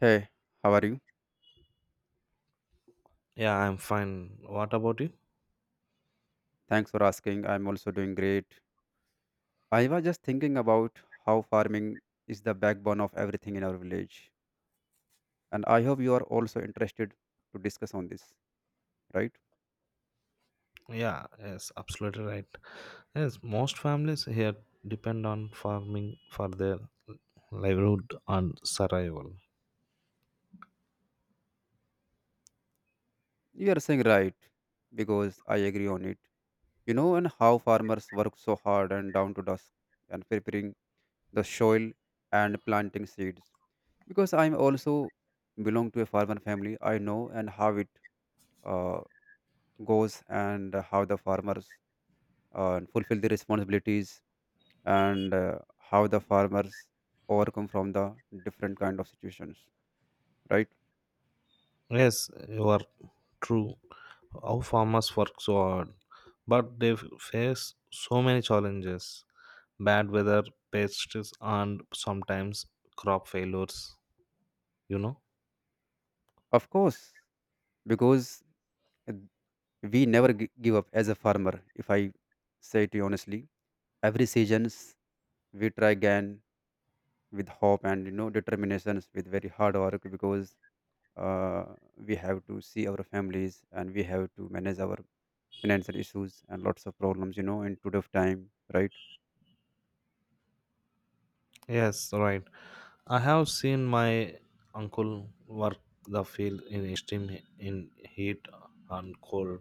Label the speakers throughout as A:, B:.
A: Hey, how are you?
B: Yeah, I'm fine. What about you?
A: Thanks for asking. I'm also doing great. I was just thinking about how farming is the backbone of everything in our village. And I hope you are also interested to discuss on this, right?
B: Yeah, yes, absolutely right. Yes, most families here depend on farming for their livelihood and survival.
A: You are saying right because I agree on it. You know, and how farmers work so hard and down to dusk and preparing the soil and planting seeds. Because I'm also belong to a farmer family, I know and how it uh, goes and how the farmers and fulfill the responsibilities and how the farmers overcome from the different kind of situations, right?
B: Yes, you are true. Our farmers work so hard, but they face so many challenges, bad weather, pests, and sometimes crop failures, you know.
A: Of course, because uh, we never give up as a farmer. If I say to you honestly, every seasons we try again with hope and, you know, determinations with very hard work, because uh, we have to see our families and we have to manage our financial issues and lots of problems, you know, in today's time, right?
B: Yes, right. I have seen my uncle work the field in extreme he- in heat and cold.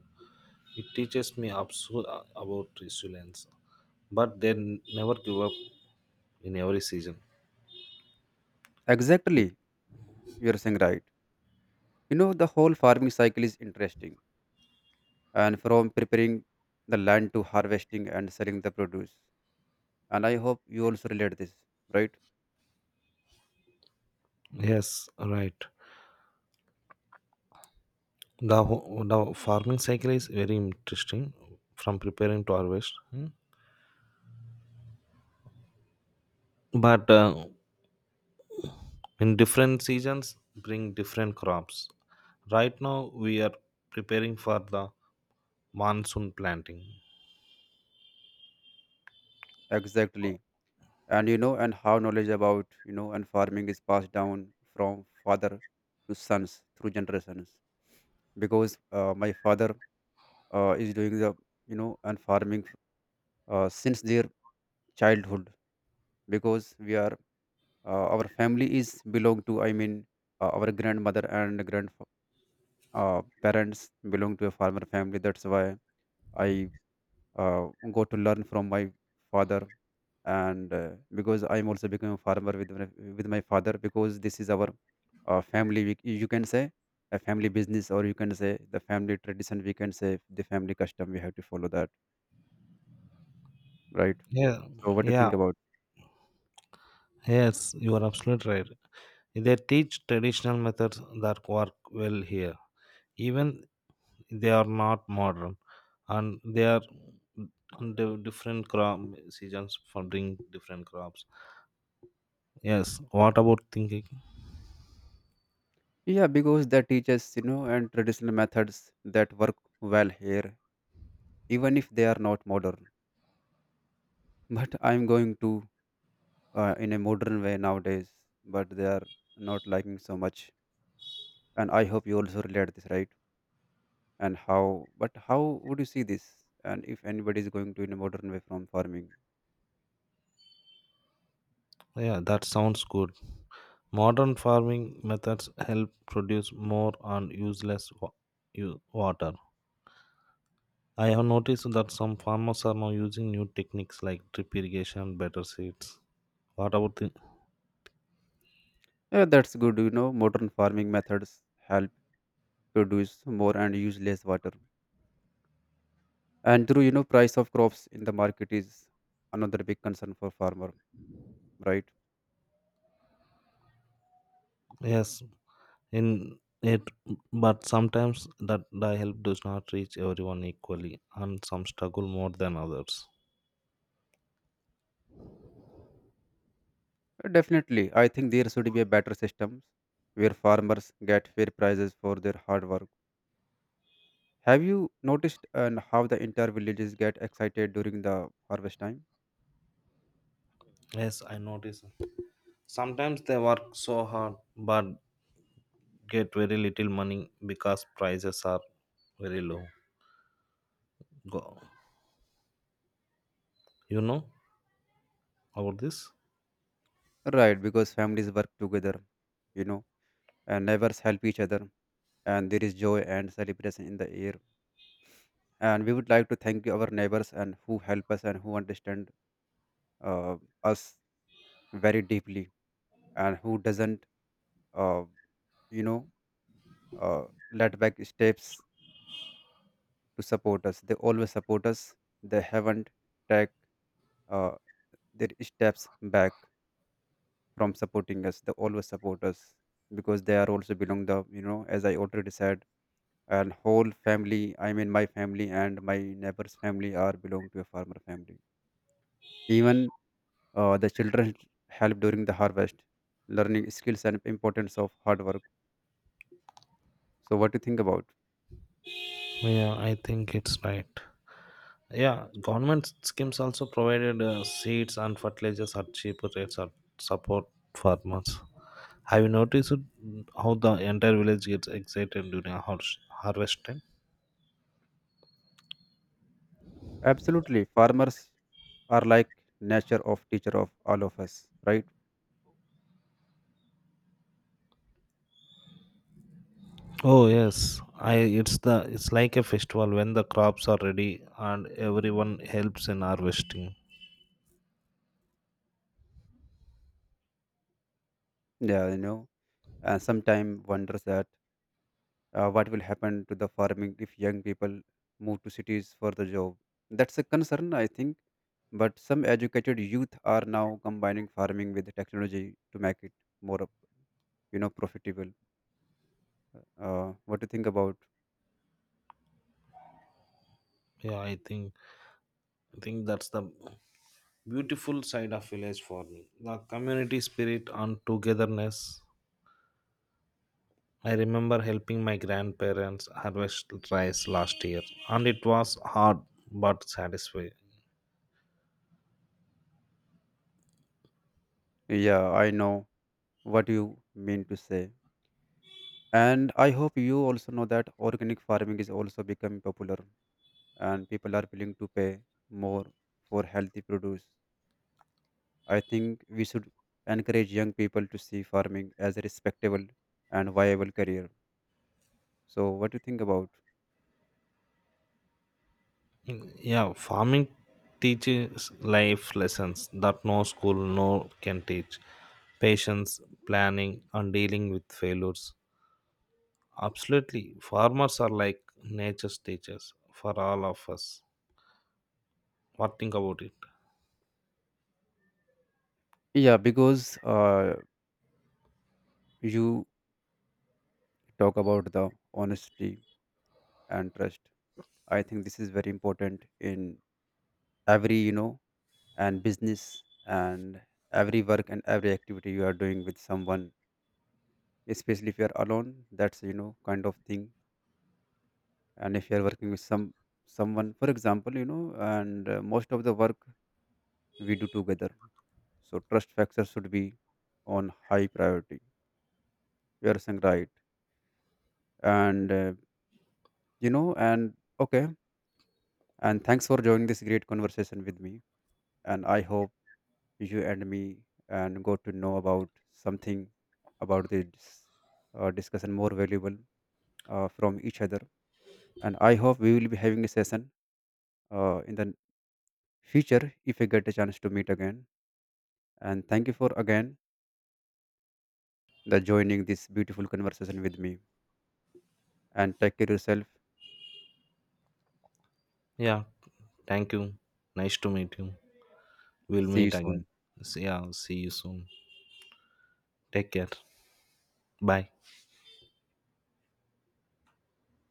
B: It teaches me absurd about resilience, but they never give up in every season.
A: Exactly, you're saying right. You know, the whole farming cycle is interesting, and from preparing the land to harvesting and selling the produce. And I hope you also relate this, right?
B: Yes, right. The farming cycle is very interesting from preparing to harvest. Hmm, but in different seasons bring different crops. Right now we are preparing for the monsoon planting.
A: Exactly. And you know, and how knowledge about, you know, and farming is passed down from father to sons through generations. Because my father is doing the, you know, and farming since their childhood. Because we are, our family is belong to, I mean, our grandmother and grandfather parents belong to a farmer family. That's why I go to learn from my father, and because I'm also becoming a farmer with my father, because this is our family. We, you can say a family business, or you can say the family tradition. We can say the family custom. We have to follow that, right?
B: Yeah,
A: So, what do you
B: yeah,
A: think about?
B: yes, you are absolutely right. They teach traditional methods that work well here, even they are not modern, and they are the different crop seasons for bring different crops. Yes, what about thinking?
A: Yeah, because they teach us, you know, and traditional methods that work well here, even if they are not modern. But I'm going to in a modern way nowadays, but they are not liking so much. And I hope you also relate this, right? And how, but how would you see this? And if anybody is going to in a modern way from farming,
B: Yeah, that sounds good. Modern farming methods help produce more and use less water. I have noticed that some farmers are now using new techniques like drip irrigation, better seeds. What about the?
A: yeah, that's good. You know, modern farming methods help produce more and use less water. And through you know, price of crops in the market is another big concern for farmer, right?
B: Yes, in it, but sometimes that the help does not reach everyone equally, and some struggle more than others.
A: Definitely, I think there should be a better system where farmers get fair prices for their hard work. Have you noticed and how the entire villages get excited during the harvest time?
B: Yes, I notice. Sometimes they work so hard but get very little money because prices are very low. Go, you know about this?
A: Right, because families work together, you know, and neighbors help each other, and there is joy and celebration in the air. And we would like to thank our neighbors and who help us and who understand uh, us very deeply and who doesn't, uh, you know, uh, let back steps to support us. They always support us. They haven't take uh, their steps back from supporting us. They always support us because they are also belong the, you know, as I already said, and whole family. I mean, my family and my neighbor's family are belong to a farmer family. Even the children help during the harvest, learning skills and importance of hard work. So what do you think about?
B: Yeah, I think it's right. Yeah, government schemes also provided seeds and fertilizers at cheaper rates and support farmers. Have you noticed how the entire village gets excited during harvest time?
A: Absolutely, farmers are like nature of teacher of all of us, right?
B: Oh yes, I it's the it's like a festival when the crops are ready and everyone helps in harvesting.
A: Yeah, you know. And sometimes wonders that what will happen to the farming if young people move to cities for the job. That's a concern, I think, but some educated youth are now combining farming with technology to make it more, you know, profitable. What do you think about?
B: Yeah, I think that's the beautiful side of village for me. The community spirit and togetherness. I remember helping my grandparents harvest rice last year, and it was hard but satisfying.
A: Yeah, I know what you mean to say, and I hope you also know that organic farming is also becoming popular and people are willing to pay more for healthy produce. I think we should encourage young people to see farming as a respectable and viable career. So, what do you think about?
B: Yeah, farming teaches life lessons that no school no can teach. Patience, planning, and dealing with failures. Absolutely, farmers are like nature's teachers for all of us. What think about it?
A: Yeah, because you talk about the honesty and trust. I think this is very important in every, you know, and business and every work and every activity you are doing with someone. Especially if you are alone, that's, you know, kind of thing. And if you are working with someone, for example, you know, and most of the work we do together. So trust factor should be on high priority. You're saying right, and you know, and okay, and thanks for joining this great conversation with me. And I hope you and me and got to know about something about this discussion more valuable from each other. And I hope we will be having a session in the future if I get a chance to meet again. And thank you for again the joining this beautiful conversation with me. And take care yourself.
B: Yeah, thank you. Nice to meet you. We'll
A: See you
B: meet again.
A: soon.
B: Yeah, see you soon. Take care. Bye.